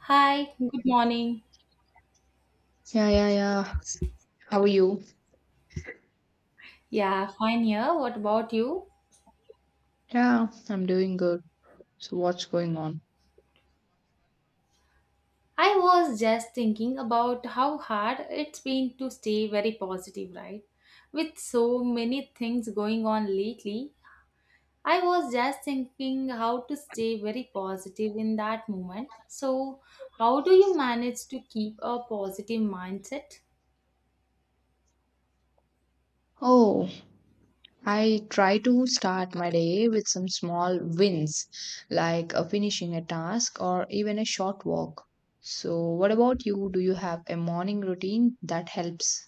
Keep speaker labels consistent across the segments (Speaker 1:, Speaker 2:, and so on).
Speaker 1: Hi, good morning.
Speaker 2: Yeah, yeah, yeah. How are you?
Speaker 1: Yeah, fine here. What about you?
Speaker 2: Yeah, I'm doing good. So, what's going on?
Speaker 1: I was just thinking about how hard it's been to stay very positive, right? With so many things going on lately, I was just thinking how to stay very positive in that moment. So, how do you manage to keep a positive mindset?
Speaker 2: Oh, I try to start my day with some small wins, like finishing a task or even a short walk. So, what about you? Do you have a morning routine that helps?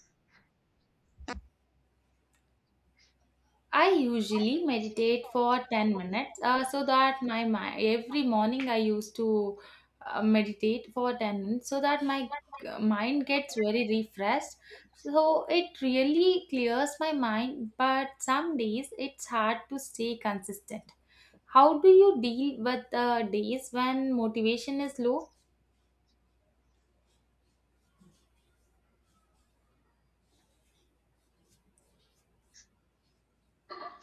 Speaker 1: I usually meditate for 10 minutes so that my mind every morning I used to meditate for 10 minutes so that my mind gets very refreshed. So it really clears my mind, but some days it's hard to stay consistent. How do you deal with days when motivation is low?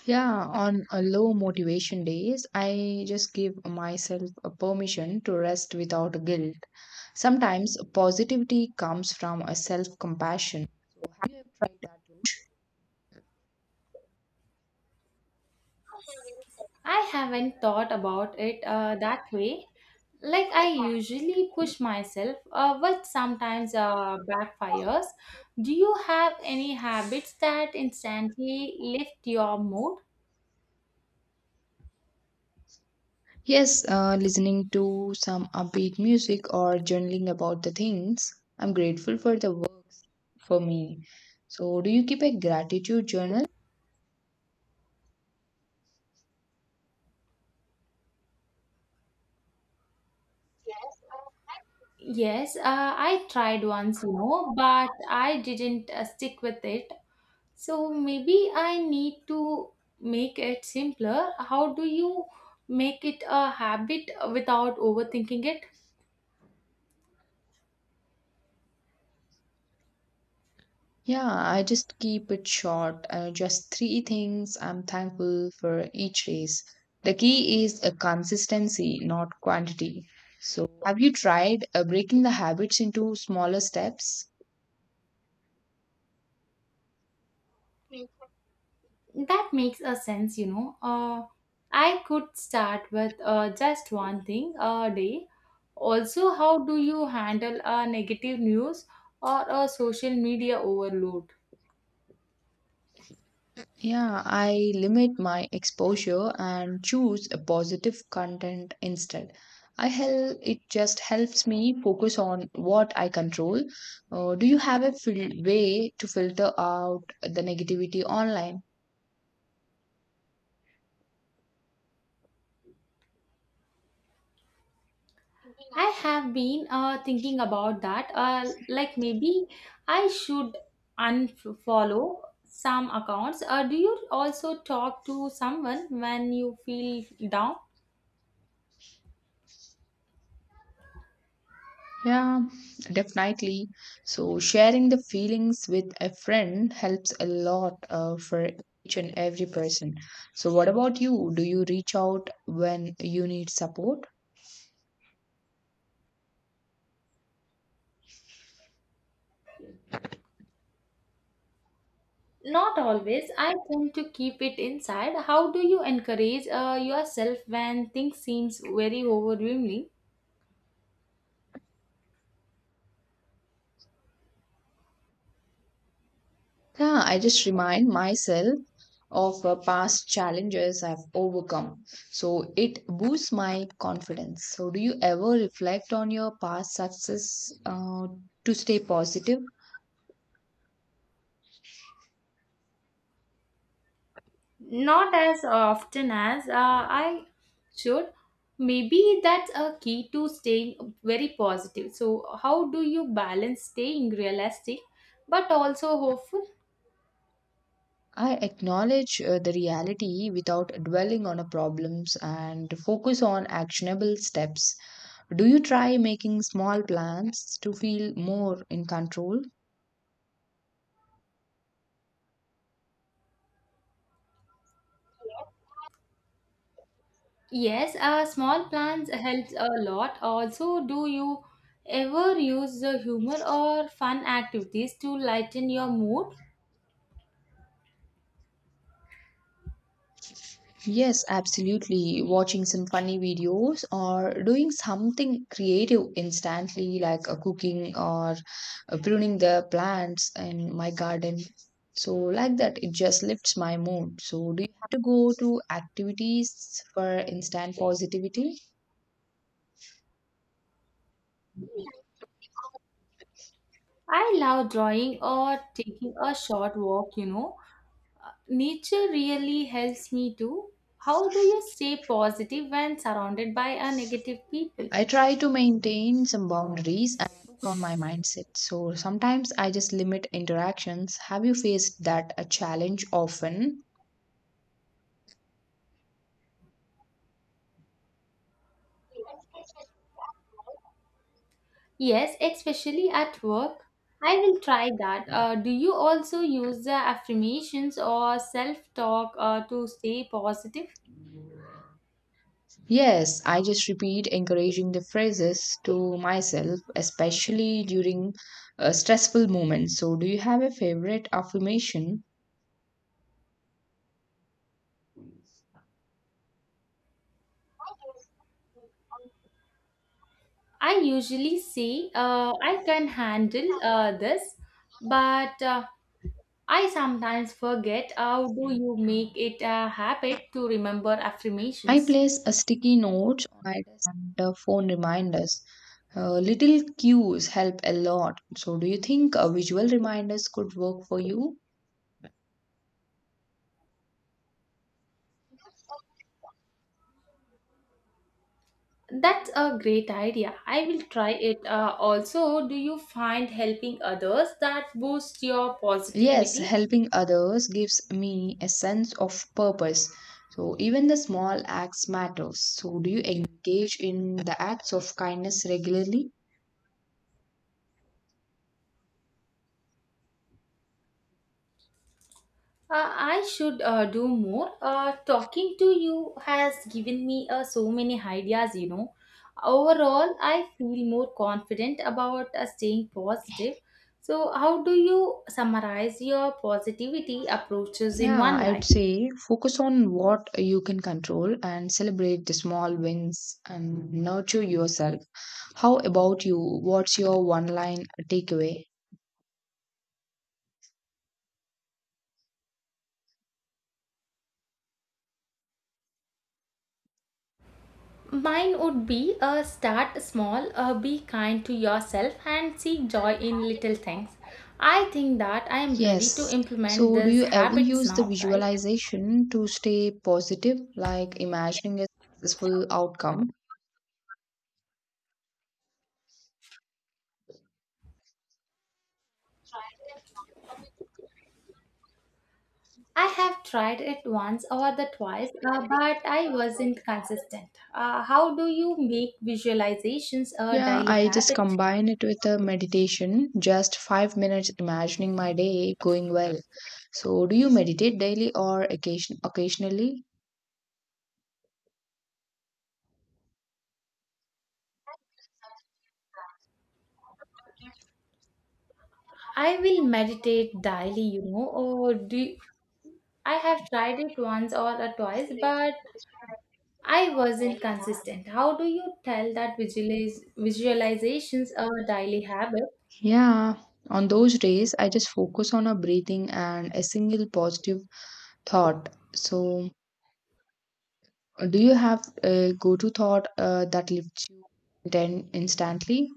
Speaker 2: Yeah, on a low motivation days, I just give myself a permission to rest without guilt. Sometimes positivity comes from a self-compassion. So have you ever tried that
Speaker 1: I haven't thought about it that way. Like I usually push
Speaker 2: route?
Speaker 1: myself, but sometimes backfires. Do you have any habits that instantly lift your mood?
Speaker 2: Yes, listening to some upbeat music or journaling about the things. I'm grateful for the works for me. So do you keep a gratitude journal?
Speaker 1: Yes, I tried once, but I didn't stick with it, so maybe I need to make it simpler. How do you make it a habit without overthinking it?
Speaker 2: Yeah, I just keep it short. Just three things I'm thankful for each race. The key is a consistency, not quantity. So, have you tried breaking the habits into smaller steps?
Speaker 1: That makes a sense. I could start with just one thing a day. Also, how do you handle negative news or a social media overload?
Speaker 2: Yeah, I limit my exposure and choose a positive content instead. It just helps me focus on what I control. Do you have a way to filter out the negativity online?
Speaker 1: I have been thinking about that. Like maybe I should unfollow some accounts. Do you also talk to someone when you feel down?
Speaker 2: Yeah, definitely. So sharing the feelings with a friend helps a lot for each and every person. So what about you? Do you reach out when you need support?
Speaker 1: Not always. I tend to keep it inside. How do you encourage yourself when things seems very overwhelming?
Speaker 2: Yeah, I just remind myself of past challenges I've overcome. So it boosts my confidence. So do you ever reflect on your past success to stay positive?
Speaker 1: Not as often as I should. Maybe that's a key to staying very positive. So, how do you balance staying realistic but also hopeful?
Speaker 2: I acknowledge the reality without dwelling on a problems and focus on actionable steps. Do you try making small plans to feel more in control?
Speaker 1: Yes, small plans helps a lot. Also, do you ever use the humor or fun activities to lighten your mood?
Speaker 2: Yes, absolutely. Watching some funny videos or doing something creative instantly like cooking or pruning the plants in my garden. So like that it just lifts my mood. So do you have to go to activities for instant positivity?
Speaker 1: I love drawing or taking a short walk. Nature really helps me too. How do you stay positive when surrounded by a negative people?
Speaker 2: I try to maintain some boundaries and focus on my mindset. So sometimes I just limit interactions. Have you faced that a challenge often?
Speaker 1: Yes, especially at work. I will try that. Do you also use the affirmations or self talk to stay positive?
Speaker 2: Yes, I just repeat encouraging the phrases to myself, especially during stressful moments. So, do you have a favorite affirmation?
Speaker 1: I usually say, I can handle this, but I sometimes forget. How do you make it a habit to remember
Speaker 2: I
Speaker 1: affirmations?
Speaker 2: place a sticky note on my desk and phone reminders. Little cues help a lot. So, do you think visual reminders could work for you?
Speaker 1: That's a great idea. I will try it. Also, do you find helping others that boosts your
Speaker 2: Yes,
Speaker 1: positivity?
Speaker 2: helping others gives me a sense of purpose. So even the small acts matters. So do you engage in the acts of kindness regularly?
Speaker 1: I should do more. Talking to you has given me so many ideas, you know. Overall, I feel more confident about staying positive. So, how do you summarize your positivity approaches in
Speaker 2: Yeah,
Speaker 1: one
Speaker 2: I would
Speaker 1: line?
Speaker 2: say focus on what you can control and celebrate the small wins and nurture yourself. How about you? What's your one line takeaway?
Speaker 1: Mine would be, start small, be kind to yourself, and seek joy in little things. I think that I am ready to
Speaker 2: Yes.
Speaker 1: implement
Speaker 2: So, do
Speaker 1: these
Speaker 2: you ever
Speaker 1: habits
Speaker 2: use the
Speaker 1: now, right?
Speaker 2: visualization to stay positive, like imagining a successful outcome?
Speaker 1: I have tried it once or the twice, but I wasn't consistent. How do you make visualizations a
Speaker 2: Yeah,
Speaker 1: daily
Speaker 2: I just
Speaker 1: habit?
Speaker 2: combine it with a meditation, just 5 minutes imagining my day going well. So, do you meditate daily or occasionally?
Speaker 1: I will meditate daily, or do I have tried it once or twice, but I wasn't consistent. How do you tell that visualizations are a daily habit?
Speaker 2: Yeah, on those days, I just focus on a breathing and a single positive thought. So, do you have a go-to thought that lifts you then instantly?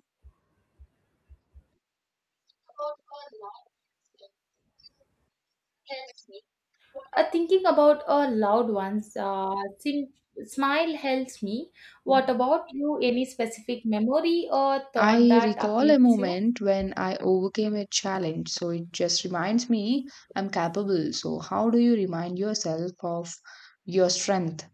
Speaker 1: Thinking about a loud ones, sim- smile helps me. What about you? Any specific memory or thought
Speaker 2: I
Speaker 1: that
Speaker 2: recall a
Speaker 1: uplifts you?
Speaker 2: moment when I overcame a challenge, so it just reminds me I'm capable. So, how do you remind yourself of your strength?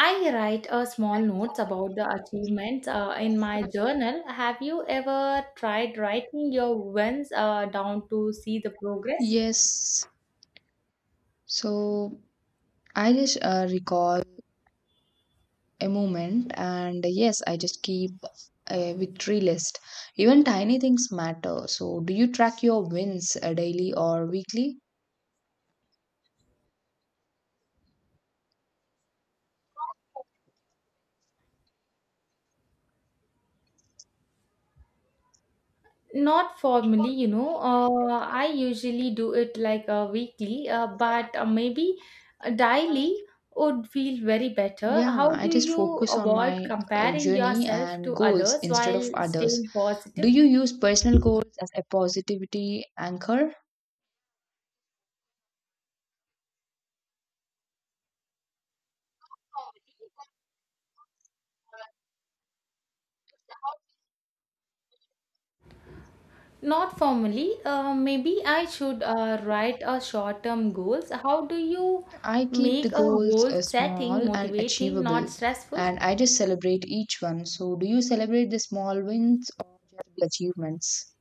Speaker 1: I write a small notes about the achievements in my journal. Have you ever tried writing your wins down to see the progress?
Speaker 2: Yes, so I just recall a moment, and yes, I just keep a victory list. Even tiny things matter. So, do you track your wins daily or weekly?
Speaker 1: Not formally. I usually do it like a weekly, but maybe daily would feel very better.
Speaker 2: Yeah,
Speaker 1: How
Speaker 2: I
Speaker 1: do
Speaker 2: just
Speaker 1: you
Speaker 2: focus on
Speaker 1: avoid
Speaker 2: my
Speaker 1: comparing
Speaker 2: journey
Speaker 1: yourself
Speaker 2: and
Speaker 1: to
Speaker 2: goals
Speaker 1: others
Speaker 2: instead of
Speaker 1: while
Speaker 2: others.
Speaker 1: staying
Speaker 2: Do
Speaker 1: positive?
Speaker 2: you use personal goals as a positivity anchor?
Speaker 1: Not formally. Maybe I should write a short-term goals. How do you
Speaker 2: I keep the
Speaker 1: make a
Speaker 2: goals
Speaker 1: goal setting
Speaker 2: small and
Speaker 1: motivating, not
Speaker 2: achievable,
Speaker 1: stressful?
Speaker 2: and I just celebrate each one. So, do you celebrate the small wins or just the achievements?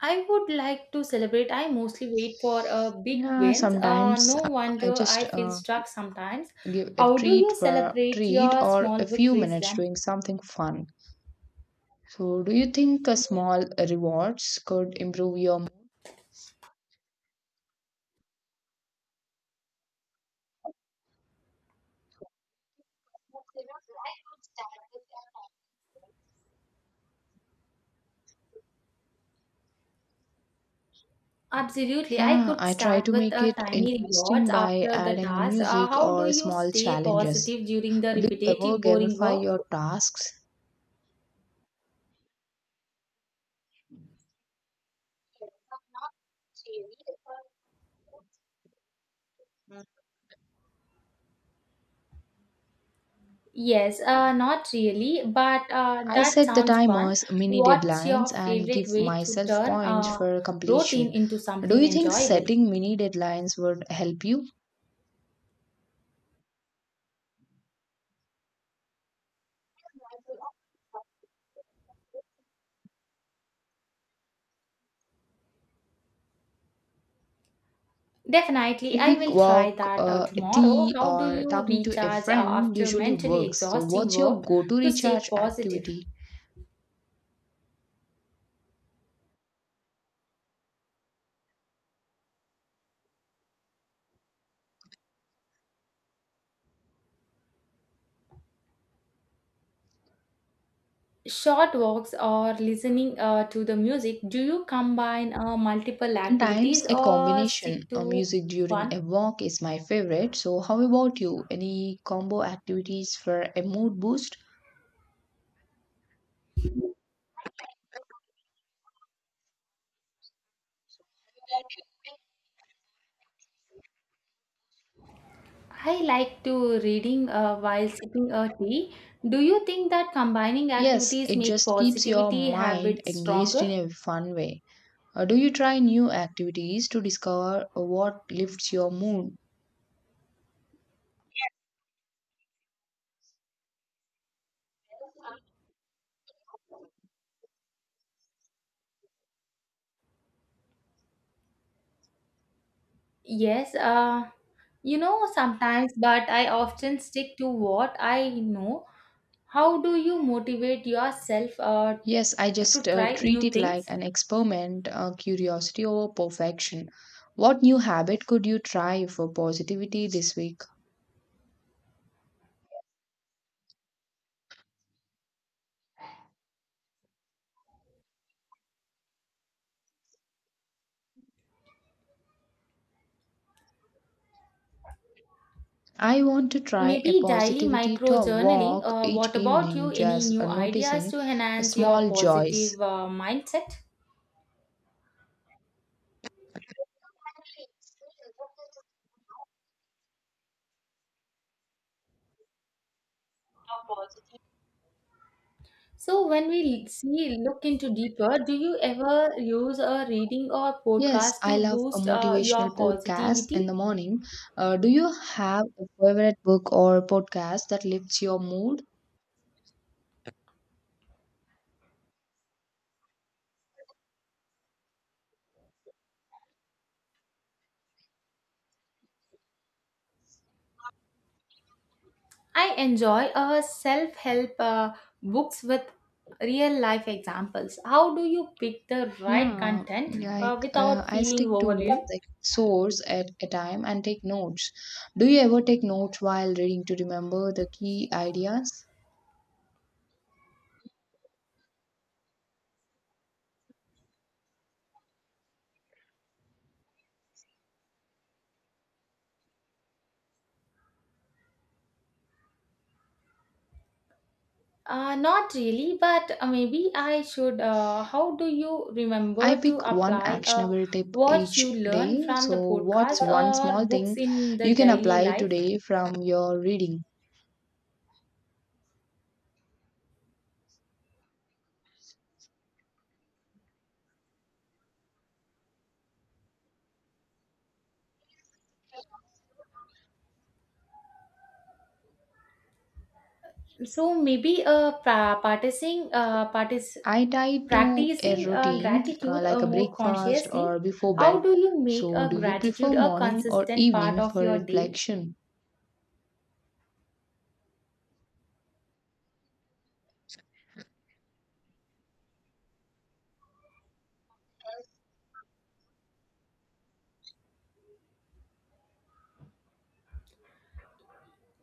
Speaker 1: I would like to celebrate. I mostly wait for big
Speaker 2: Yeah,
Speaker 1: wins.
Speaker 2: sometimes
Speaker 1: No
Speaker 2: I
Speaker 1: wonder
Speaker 2: just
Speaker 1: I feel stuck sometimes.
Speaker 2: give a
Speaker 1: How do
Speaker 2: treat
Speaker 1: you
Speaker 2: for
Speaker 1: celebrate
Speaker 2: treat
Speaker 1: your
Speaker 2: or
Speaker 1: small
Speaker 2: a few
Speaker 1: victories
Speaker 2: minutes
Speaker 1: then?
Speaker 2: doing something fun. So, do you think a small rewards could improve your mood?
Speaker 1: Absolutely. I
Speaker 2: Yeah,
Speaker 1: could
Speaker 2: I try
Speaker 1: start
Speaker 2: to
Speaker 1: with
Speaker 2: make
Speaker 1: a
Speaker 2: it
Speaker 1: tiny
Speaker 2: interesting
Speaker 1: rewards
Speaker 2: by
Speaker 1: after the
Speaker 2: adding a
Speaker 1: task.
Speaker 2: music
Speaker 1: How do
Speaker 2: or
Speaker 1: you
Speaker 2: small
Speaker 1: stay
Speaker 2: challenges.
Speaker 1: positive during the
Speaker 2: Do you ever
Speaker 1: repetitive, boring
Speaker 2: gamify
Speaker 1: work?
Speaker 2: your tasks?
Speaker 1: Yes, not really, but
Speaker 2: I
Speaker 1: that
Speaker 2: set the
Speaker 1: sounds fun.
Speaker 2: timers, mini
Speaker 1: What's your
Speaker 2: deadlines, and give
Speaker 1: favorite way to
Speaker 2: myself
Speaker 1: turn
Speaker 2: points for
Speaker 1: routine
Speaker 2: completion.
Speaker 1: into
Speaker 2: Do
Speaker 1: something
Speaker 2: you think
Speaker 1: enjoyable?
Speaker 2: setting mini deadlines would help you?
Speaker 1: Definitely,
Speaker 2: A
Speaker 1: I
Speaker 2: quick
Speaker 1: will try
Speaker 2: walk,
Speaker 1: that
Speaker 2: a
Speaker 1: tomorrow.
Speaker 2: tea,
Speaker 1: How do
Speaker 2: or
Speaker 1: you
Speaker 2: talking to a
Speaker 1: recharge
Speaker 2: friend
Speaker 1: after
Speaker 2: usually
Speaker 1: mentally
Speaker 2: works. So,
Speaker 1: exhausting
Speaker 2: what's your
Speaker 1: work
Speaker 2: go to
Speaker 1: to stay
Speaker 2: recharge
Speaker 1: positive?
Speaker 2: activity?
Speaker 1: Short walks or listening to the music. Do you combine multiple
Speaker 2: Sometimes
Speaker 1: activities
Speaker 2: a
Speaker 1: or
Speaker 2: combination
Speaker 1: stick
Speaker 2: of
Speaker 1: to
Speaker 2: music during
Speaker 1: one?
Speaker 2: a walk is my favorite. So, how about you? Any combo activities for a mood boost?
Speaker 1: I like to reading while sipping a tea. Do you think that combining
Speaker 2: Yes,
Speaker 1: activities
Speaker 2: it
Speaker 1: make
Speaker 2: just keeps your
Speaker 1: positivity
Speaker 2: mind
Speaker 1: habits
Speaker 2: engaged in
Speaker 1: stronger?
Speaker 2: a fun way. Or do you try new activities to discover what lifts your mood?
Speaker 1: Yes, sometimes, but I often stick to what I know. How do you motivate yourself
Speaker 2: Yes, I
Speaker 1: to
Speaker 2: just
Speaker 1: try
Speaker 2: treat
Speaker 1: new
Speaker 2: it like
Speaker 1: things?
Speaker 2: an experiment, curiosity over perfection. What new habit could you try for positivity this week? I want to try a
Speaker 1: Maybe daily
Speaker 2: positivity
Speaker 1: micro
Speaker 2: to
Speaker 1: journaling.
Speaker 2: walk each
Speaker 1: What about
Speaker 2: evening,
Speaker 1: you? Any
Speaker 2: just
Speaker 1: new ideas
Speaker 2: noticing
Speaker 1: to enhance your
Speaker 2: small joys.
Speaker 1: positive mindset? So, when we see, look into deeper, do you ever use a reading or
Speaker 2: Yes,
Speaker 1: podcast
Speaker 2: I
Speaker 1: to
Speaker 2: love a
Speaker 1: boost
Speaker 2: motivational
Speaker 1: your
Speaker 2: podcast in
Speaker 1: positivity?
Speaker 2: the morning. Do you have a favorite book or podcast that lifts your mood?
Speaker 1: I enjoy self help books with real life examples. How do you pick the right
Speaker 2: Yeah,
Speaker 1: content
Speaker 2: like
Speaker 1: without
Speaker 2: I
Speaker 1: feeling
Speaker 2: stick to
Speaker 1: overwhelmed?
Speaker 2: one like source at a time and take notes. Do you ever take notes while reading to remember the key ideas?
Speaker 1: Not really, but maybe I should. How do you
Speaker 2: I
Speaker 1: remember to
Speaker 2: pick one
Speaker 1: apply
Speaker 2: actionable tip
Speaker 1: what you
Speaker 2: each
Speaker 1: learn
Speaker 2: day.
Speaker 1: from the
Speaker 2: So,
Speaker 1: podcast
Speaker 2: what's one
Speaker 1: or
Speaker 2: small thing
Speaker 1: books in the
Speaker 2: you can
Speaker 1: daily
Speaker 2: apply
Speaker 1: life?
Speaker 2: today from your reading?
Speaker 1: So maybe
Speaker 2: I tie to a
Speaker 1: practicing
Speaker 2: routine
Speaker 1: gratitude
Speaker 2: like a
Speaker 1: more
Speaker 2: breakfast
Speaker 1: consciously.
Speaker 2: or before
Speaker 1: How
Speaker 2: bed.
Speaker 1: do you make
Speaker 2: So,
Speaker 1: a
Speaker 2: do you prefer
Speaker 1: gratitude a
Speaker 2: morning or
Speaker 1: consistent part
Speaker 2: evening
Speaker 1: of
Speaker 2: for
Speaker 1: your day?
Speaker 2: reflection?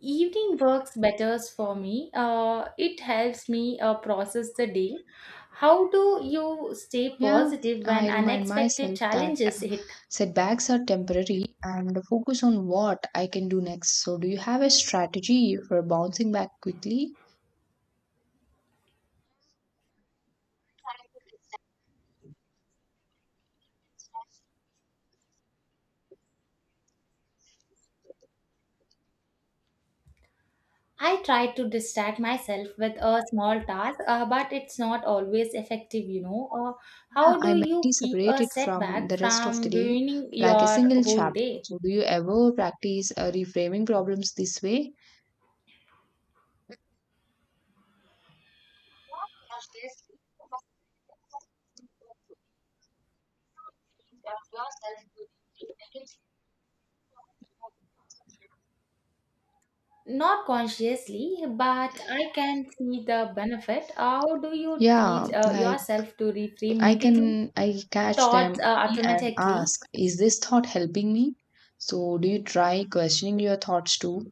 Speaker 1: Evening works better for me. It helps me process the day. How do you stay
Speaker 2: Yeah,
Speaker 1: positive when
Speaker 2: I remind
Speaker 1: unexpected
Speaker 2: myself that
Speaker 1: challenges hit?
Speaker 2: setbacks are temporary and focus on what I can do next. So, do you have a strategy for bouncing back quickly?
Speaker 1: I try to distract myself with a small task, but it's not always effective.
Speaker 2: Yeah,
Speaker 1: How
Speaker 2: I
Speaker 1: do you
Speaker 2: mentally
Speaker 1: keep
Speaker 2: separate
Speaker 1: a
Speaker 2: it from
Speaker 1: setback
Speaker 2: the rest of the
Speaker 1: from
Speaker 2: day
Speaker 1: ruining
Speaker 2: like a
Speaker 1: your
Speaker 2: single
Speaker 1: whole
Speaker 2: chapter.
Speaker 1: day?
Speaker 2: So, do you ever practice reframing problems this way?
Speaker 1: Not consciously, but I can see the benefit. How do you
Speaker 2: Yeah,
Speaker 1: teach
Speaker 2: like
Speaker 1: yourself to reframe
Speaker 2: I
Speaker 1: negative
Speaker 2: can I catch
Speaker 1: thoughts
Speaker 2: them early and
Speaker 1: automatically?
Speaker 2: ask, is this thought helping me? So, do you try questioning your thoughts too?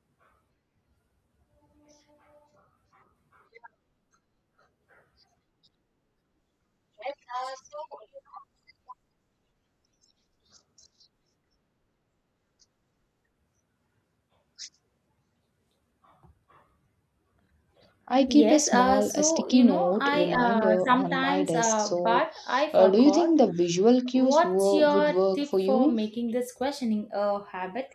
Speaker 2: I keep a
Speaker 1: Yes,
Speaker 2: small a sticky note
Speaker 1: I
Speaker 2: reminder on my
Speaker 1: sometimes,
Speaker 2: desk. So,
Speaker 1: but I
Speaker 2: do you think
Speaker 1: forgot.
Speaker 2: the visual cues
Speaker 1: What's
Speaker 2: would
Speaker 1: your
Speaker 2: work
Speaker 1: tip
Speaker 2: for
Speaker 1: for
Speaker 2: you?
Speaker 1: making this questioning a habit?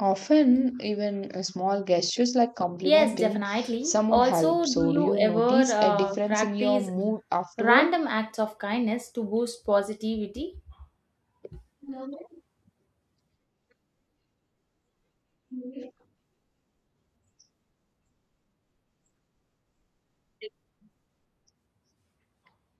Speaker 2: Often, even small gestures like
Speaker 1: Yes,
Speaker 2: complimenting
Speaker 1: definitely.
Speaker 2: someone help.
Speaker 1: Also, do
Speaker 2: So, do
Speaker 1: you
Speaker 2: you
Speaker 1: ever
Speaker 2: notice a difference in your
Speaker 1: practice
Speaker 2: mood afterward?
Speaker 1: random acts of kindness to boost positivity?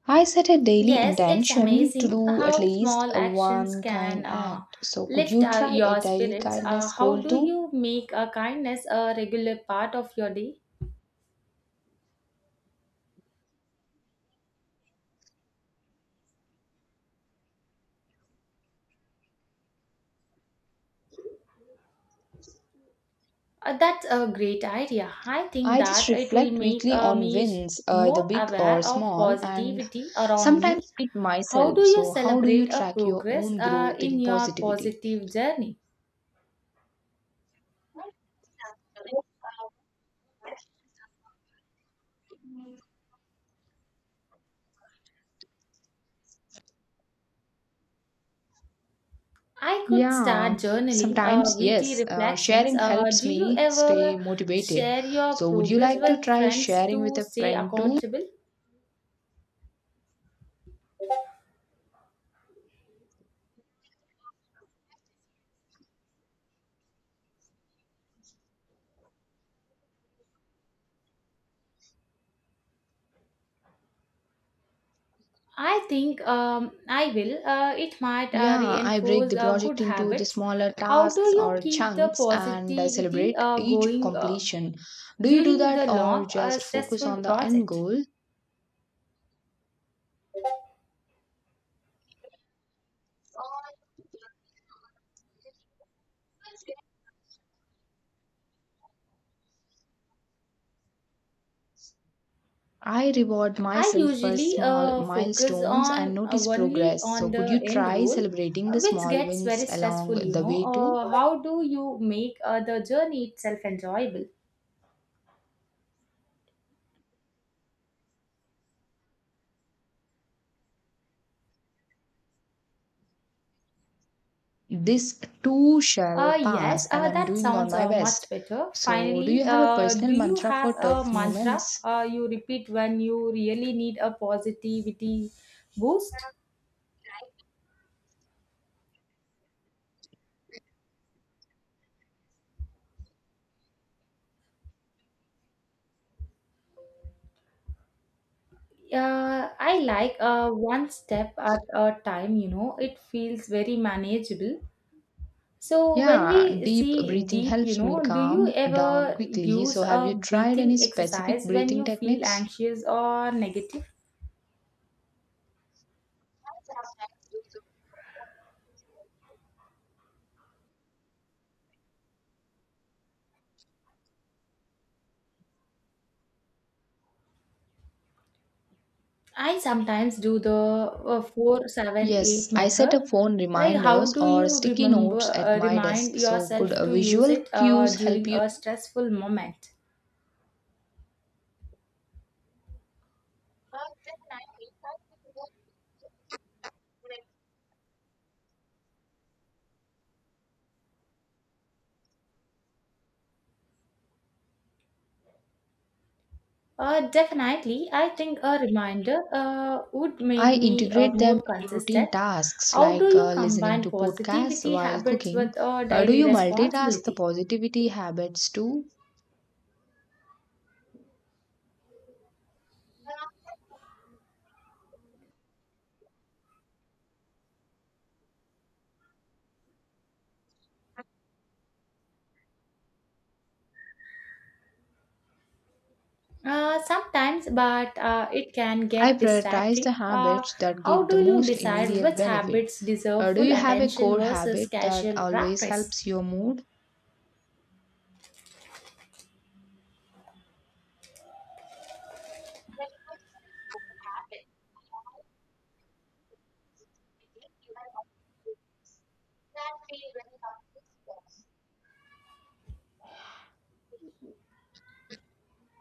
Speaker 2: I set a daily
Speaker 1: Yes, it's
Speaker 2: intention to
Speaker 1: amazing
Speaker 2: do at
Speaker 1: how
Speaker 2: least
Speaker 1: small actions
Speaker 2: one
Speaker 1: can
Speaker 2: kind act. So, could
Speaker 1: lift
Speaker 2: you try a
Speaker 1: your
Speaker 2: daily
Speaker 1: spirits.
Speaker 2: kindness
Speaker 1: How
Speaker 2: goal
Speaker 1: do
Speaker 2: too?
Speaker 1: you make a kindness a regular part of your day? That's a great idea. I think
Speaker 2: I just
Speaker 1: that it will
Speaker 2: reflect
Speaker 1: make
Speaker 2: weekly
Speaker 1: uh,
Speaker 2: on
Speaker 1: me s-
Speaker 2: wins, either
Speaker 1: more
Speaker 2: big or
Speaker 1: aware of
Speaker 2: small, and
Speaker 1: positivity around me.
Speaker 2: sometimes it
Speaker 1: How
Speaker 2: myself.
Speaker 1: do you
Speaker 2: So, how do you
Speaker 1: celebrate a
Speaker 2: track your
Speaker 1: progress
Speaker 2: own growth
Speaker 1: in
Speaker 2: in
Speaker 1: your
Speaker 2: positivity?
Speaker 1: positive journey? I could start
Speaker 2: Yeah,
Speaker 1: journaling
Speaker 2: sometimes
Speaker 1: weekly
Speaker 2: yes. Uh,
Speaker 1: reflections.
Speaker 2: sharing helps
Speaker 1: Do you
Speaker 2: me
Speaker 1: ever
Speaker 2: stay motivated.
Speaker 1: share your
Speaker 2: So, would you
Speaker 1: progress
Speaker 2: like to
Speaker 1: with
Speaker 2: try
Speaker 1: friends
Speaker 2: sharing with
Speaker 1: to
Speaker 2: a
Speaker 1: stay
Speaker 2: friend too?
Speaker 1: accountable? I think I will. It might
Speaker 2: Yeah, I break
Speaker 1: reinforce
Speaker 2: the project
Speaker 1: good
Speaker 2: into the
Speaker 1: habits.
Speaker 2: smaller
Speaker 1: How do
Speaker 2: tasks
Speaker 1: you
Speaker 2: or
Speaker 1: keep the
Speaker 2: chunks and I
Speaker 1: positivity
Speaker 2: celebrate
Speaker 1: uh,
Speaker 2: each
Speaker 1: going uh,
Speaker 2: completion. Do you do
Speaker 1: during
Speaker 2: that
Speaker 1: the
Speaker 2: or
Speaker 1: long or
Speaker 2: just focus
Speaker 1: stressful
Speaker 2: on the end
Speaker 1: project?
Speaker 2: goal? I reward
Speaker 1: I
Speaker 2: myself for
Speaker 1: usually
Speaker 2: small
Speaker 1: focus
Speaker 2: milestones and
Speaker 1: on
Speaker 2: notice
Speaker 1: only
Speaker 2: progress. So,
Speaker 1: on
Speaker 2: could you
Speaker 1: the end
Speaker 2: try
Speaker 1: goal,
Speaker 2: celebrating the
Speaker 1: which
Speaker 2: small
Speaker 1: gets
Speaker 2: wins
Speaker 1: very
Speaker 2: along
Speaker 1: stressful.
Speaker 2: the way too?
Speaker 1: How do you make the journey itself enjoyable?
Speaker 2: This too shall
Speaker 1: Yes,
Speaker 2: pass and I'm
Speaker 1: that
Speaker 2: doing on
Speaker 1: sounds
Speaker 2: my best.
Speaker 1: much better.
Speaker 2: So do you
Speaker 1: Finally,
Speaker 2: have a personal
Speaker 1: do you
Speaker 2: mantra for
Speaker 1: have a
Speaker 2: tough
Speaker 1: mantra
Speaker 2: moments?
Speaker 1: you repeat when you really need a positivity boost? I like, one step at a time. It feels very manageable. So when
Speaker 2: Yeah,
Speaker 1: we
Speaker 2: deep
Speaker 1: see
Speaker 2: breathing
Speaker 1: deep, you
Speaker 2: helps me
Speaker 1: know, do you
Speaker 2: calm down
Speaker 1: ever
Speaker 2: quickly. So
Speaker 1: use
Speaker 2: have
Speaker 1: a
Speaker 2: you tried any
Speaker 1: breathing
Speaker 2: specific
Speaker 1: exercise when
Speaker 2: breathing
Speaker 1: you feel
Speaker 2: techniques?
Speaker 1: anxious or negative? I sometimes do the
Speaker 2: Yes,
Speaker 1: 478
Speaker 2: I set
Speaker 1: method.
Speaker 2: up phone
Speaker 1: Like how
Speaker 2: reminders
Speaker 1: do
Speaker 2: or
Speaker 1: you
Speaker 2: sticky
Speaker 1: remember
Speaker 2: notes at my
Speaker 1: remind
Speaker 2: desk. So could
Speaker 1: yourself to use
Speaker 2: visual
Speaker 1: it
Speaker 2: cues help
Speaker 1: during
Speaker 2: you?
Speaker 1: a stressful moment? Definitely, I think a reminder would
Speaker 2: I
Speaker 1: make me
Speaker 2: integrate them
Speaker 1: more
Speaker 2: into routine
Speaker 1: consistent.
Speaker 2: tasks
Speaker 1: How do
Speaker 2: like
Speaker 1: you
Speaker 2: listening
Speaker 1: combine
Speaker 2: to podcasts
Speaker 1: positivity
Speaker 2: while
Speaker 1: habits
Speaker 2: cooking.
Speaker 1: with a
Speaker 2: Do
Speaker 1: daily
Speaker 2: you multitask the
Speaker 1: responsibility?
Speaker 2: positivity habits too?
Speaker 1: Sometimes, but it can
Speaker 2: I
Speaker 1: get
Speaker 2: prioritize the
Speaker 1: distracting.
Speaker 2: habits that
Speaker 1: How
Speaker 2: give the
Speaker 1: do you
Speaker 2: most
Speaker 1: decide
Speaker 2: immediate
Speaker 1: which
Speaker 2: benefit.
Speaker 1: habits deserve
Speaker 2: Do
Speaker 1: full
Speaker 2: you have a
Speaker 1: attention
Speaker 2: core
Speaker 1: versus
Speaker 2: habit that
Speaker 1: casual
Speaker 2: always
Speaker 1: practice?
Speaker 2: helps your mood?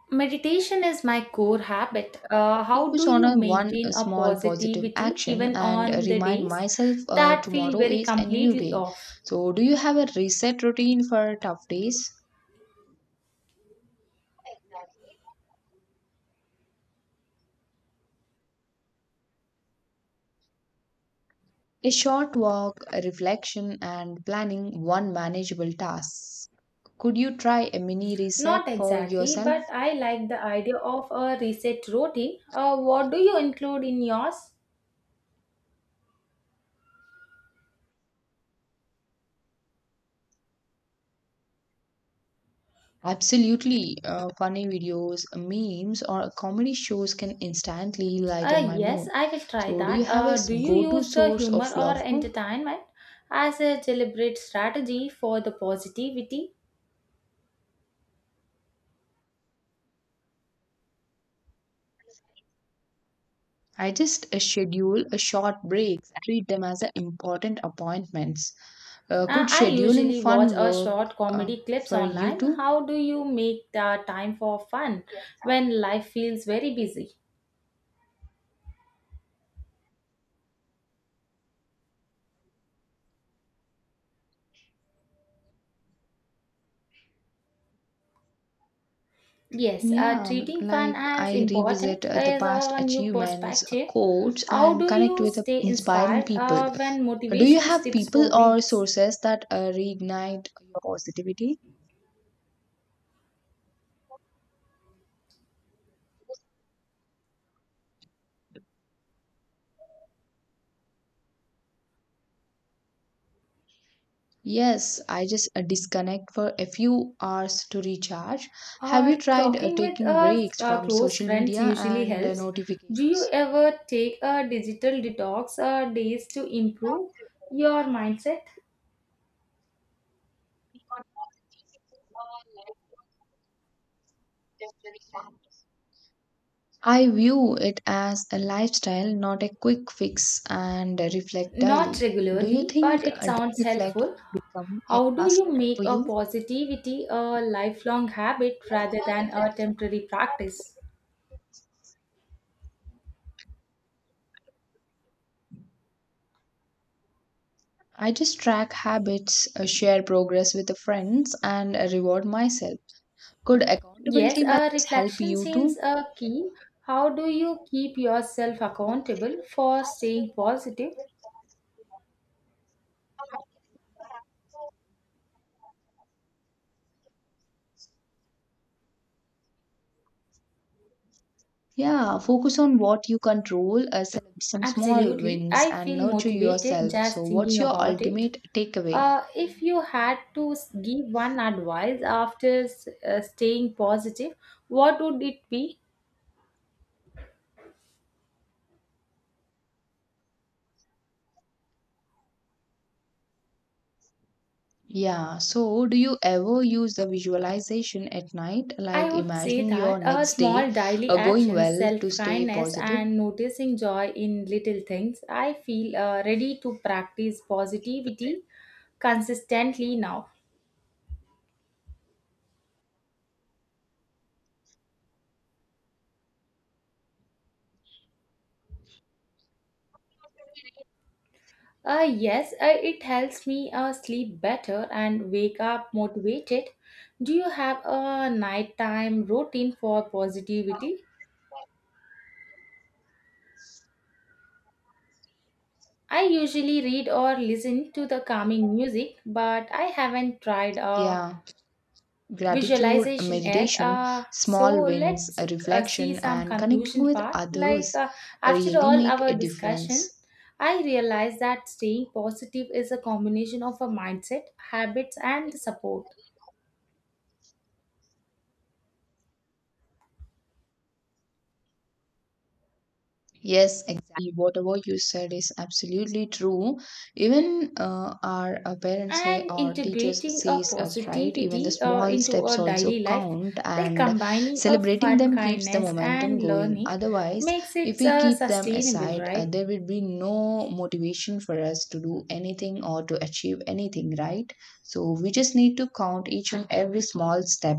Speaker 1: Meditation is my core habit.
Speaker 2: I
Speaker 1: How
Speaker 2: focus
Speaker 1: do
Speaker 2: on
Speaker 1: you
Speaker 2: a one
Speaker 1: maintain
Speaker 2: a
Speaker 1: a
Speaker 2: small positive
Speaker 1: positivity
Speaker 2: action
Speaker 1: even
Speaker 2: and
Speaker 1: on the
Speaker 2: remind
Speaker 1: days
Speaker 2: myself
Speaker 1: that feel
Speaker 2: tomorrow
Speaker 1: very
Speaker 2: is a new
Speaker 1: completely
Speaker 2: day.
Speaker 1: off?
Speaker 2: So, do you have a reset routine for tough days? A short walk, a reflection, and planning one manageable task. Could you try a mini reset
Speaker 1: Not
Speaker 2: for
Speaker 1: exactly,
Speaker 2: yourself?
Speaker 1: but I like the idea of a reset routine. What do you include in yours?
Speaker 2: Absolutely. Funny videos, memes, or comedy shows can instantly lighten my
Speaker 1: Yes,
Speaker 2: mood.
Speaker 1: I will try
Speaker 2: So, do you
Speaker 1: that.
Speaker 2: have a
Speaker 1: Do you
Speaker 2: go-to
Speaker 1: use the
Speaker 2: source
Speaker 1: humor
Speaker 2: of
Speaker 1: or
Speaker 2: love? No,
Speaker 1: entertainment as a deliberate strategy for the positivity?
Speaker 2: I just schedule a short breaks, and treat them as a important appointments. Uh, could
Speaker 1: I
Speaker 2: scheduling
Speaker 1: usually watch
Speaker 2: fun
Speaker 1: a
Speaker 2: work
Speaker 1: short
Speaker 2: uh,
Speaker 1: comedy clips
Speaker 2: for you
Speaker 1: online.
Speaker 2: too?
Speaker 1: How do you make the time for fun when life feels very busy? Yes,
Speaker 2: Yeah,
Speaker 1: treating fun
Speaker 2: like
Speaker 1: as
Speaker 2: I revisit
Speaker 1: important
Speaker 2: the
Speaker 1: is
Speaker 2: past
Speaker 1: a new
Speaker 2: achievements,
Speaker 1: perspective.
Speaker 2: quotes,
Speaker 1: How
Speaker 2: and
Speaker 1: do
Speaker 2: connect
Speaker 1: you
Speaker 2: with
Speaker 1: stay
Speaker 2: inspiring
Speaker 1: inspired
Speaker 2: people.
Speaker 1: when
Speaker 2: Do you
Speaker 1: motivation
Speaker 2: have
Speaker 1: dips for
Speaker 2: people or
Speaker 1: weeks?
Speaker 2: sources that reignite your positivity? Yes, I just disconnect for a few hours to recharge. Have you tried
Speaker 1: Talking with
Speaker 2: taking
Speaker 1: a
Speaker 2: breaks from
Speaker 1: close
Speaker 2: social
Speaker 1: friends
Speaker 2: media
Speaker 1: usually
Speaker 2: and
Speaker 1: helps. Do you
Speaker 2: notifications?
Speaker 1: ever take a digital detox days to improve your mindset?
Speaker 2: I view it as a lifestyle, not a quick fix, and reflect
Speaker 1: Not
Speaker 2: daily. Do you
Speaker 1: regularly, but
Speaker 2: think
Speaker 1: it
Speaker 2: a daily
Speaker 1: sounds helpful.
Speaker 2: reflection become a
Speaker 1: How do
Speaker 2: lasting
Speaker 1: you
Speaker 2: habit
Speaker 1: make
Speaker 2: for
Speaker 1: a
Speaker 2: you?
Speaker 1: positivity a lifelong habit rather than a temporary practice?
Speaker 2: I just track habits, share progress with the friends, and reward myself. Could
Speaker 1: Yes,
Speaker 2: accountability
Speaker 1: a
Speaker 2: methods help
Speaker 1: reflection
Speaker 2: you
Speaker 1: seems
Speaker 2: too?
Speaker 1: a key. How do you keep yourself accountable for staying positive?
Speaker 2: Yeah, focus on what you control, celebrate some small
Speaker 1: Absolutely.
Speaker 2: wins,
Speaker 1: I
Speaker 2: and
Speaker 1: feel
Speaker 2: nurture
Speaker 1: motivated
Speaker 2: yourself. So,
Speaker 1: just thinking
Speaker 2: what's your
Speaker 1: about it.
Speaker 2: ultimate takeaway?
Speaker 1: If you had to give one advice after staying positive, what would it be?
Speaker 2: Yeah, so do you ever use the visualization at night,
Speaker 1: I
Speaker 2: like
Speaker 1: would say
Speaker 2: imagining
Speaker 1: that
Speaker 2: your next day
Speaker 1: small daily
Speaker 2: going
Speaker 1: actions,
Speaker 2: well to
Speaker 1: self
Speaker 2: stay
Speaker 1: kindness,
Speaker 2: positive?
Speaker 1: and noticing joy in little things. I feel ready to practice positivity consistently now. Yes, it helps me sleep better and wake up motivated. Do you have a nighttime routine for positivity? I usually read or listen to the calming music, but I haven't tried a
Speaker 2: Yeah, gratitude,
Speaker 1: visualization yet.
Speaker 2: meditation,
Speaker 1: So
Speaker 2: small wins,
Speaker 1: let's see
Speaker 2: reflection,
Speaker 1: some
Speaker 2: and connecting
Speaker 1: conclusion
Speaker 2: with
Speaker 1: part. Like
Speaker 2: others
Speaker 1: after
Speaker 2: really
Speaker 1: all
Speaker 2: make
Speaker 1: our
Speaker 2: a difference.
Speaker 1: discussion, I realized that staying positive is a combination of a mindset, habits, and support.
Speaker 2: Yes, exactly. Whatever you said is absolutely true. Even our parents say,
Speaker 1: And
Speaker 2: our teachers
Speaker 1: integrating a
Speaker 2: says us right. Even the
Speaker 1: positivity
Speaker 2: small
Speaker 1: into
Speaker 2: steps
Speaker 1: our
Speaker 2: also
Speaker 1: daily life,
Speaker 2: count,
Speaker 1: like
Speaker 2: and
Speaker 1: combining a
Speaker 2: celebrating
Speaker 1: fun
Speaker 2: them keeps the
Speaker 1: kindness
Speaker 2: momentum
Speaker 1: and
Speaker 2: going.
Speaker 1: learning,
Speaker 2: Otherwise,
Speaker 1: makes
Speaker 2: if
Speaker 1: it
Speaker 2: we keep them
Speaker 1: sustainable,
Speaker 2: aside,
Speaker 1: right?
Speaker 2: there will be no motivation for us to do anything or to achieve anything, right? So we just need to count each and every small step.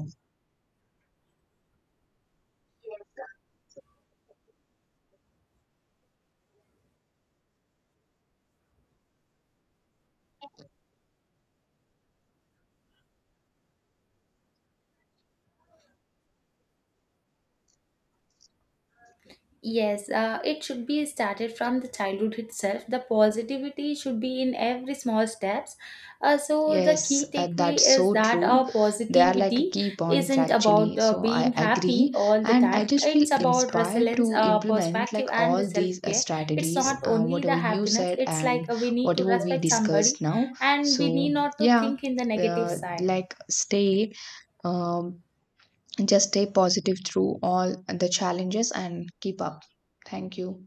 Speaker 1: Yes, it should be started from the childhood itself. The positivity should be in every small steps. So the
Speaker 2: Yes,
Speaker 1: key takeaway
Speaker 2: that's
Speaker 1: is
Speaker 2: so
Speaker 1: that
Speaker 2: true.
Speaker 1: our
Speaker 2: They are like
Speaker 1: positivity
Speaker 2: key points
Speaker 1: isn't
Speaker 2: actually.
Speaker 1: about
Speaker 2: So I
Speaker 1: being happy
Speaker 2: agree.
Speaker 1: all the
Speaker 2: And I
Speaker 1: time.
Speaker 2: just feel
Speaker 1: It's about
Speaker 2: inspired
Speaker 1: resilience,
Speaker 2: to implement like
Speaker 1: perspective, and the
Speaker 2: all
Speaker 1: self
Speaker 2: these
Speaker 1: care. It's
Speaker 2: strategies,
Speaker 1: not only
Speaker 2: whatever
Speaker 1: the
Speaker 2: you
Speaker 1: happiness.
Speaker 2: said
Speaker 1: It's like
Speaker 2: and
Speaker 1: we need to
Speaker 2: whatever we
Speaker 1: respect
Speaker 2: discussed
Speaker 1: somebody,
Speaker 2: now.
Speaker 1: and we
Speaker 2: So
Speaker 1: need not to
Speaker 2: yeah,
Speaker 1: think in the negative side.
Speaker 2: like um, just stay positive through all the challenges and keep up. Thank you.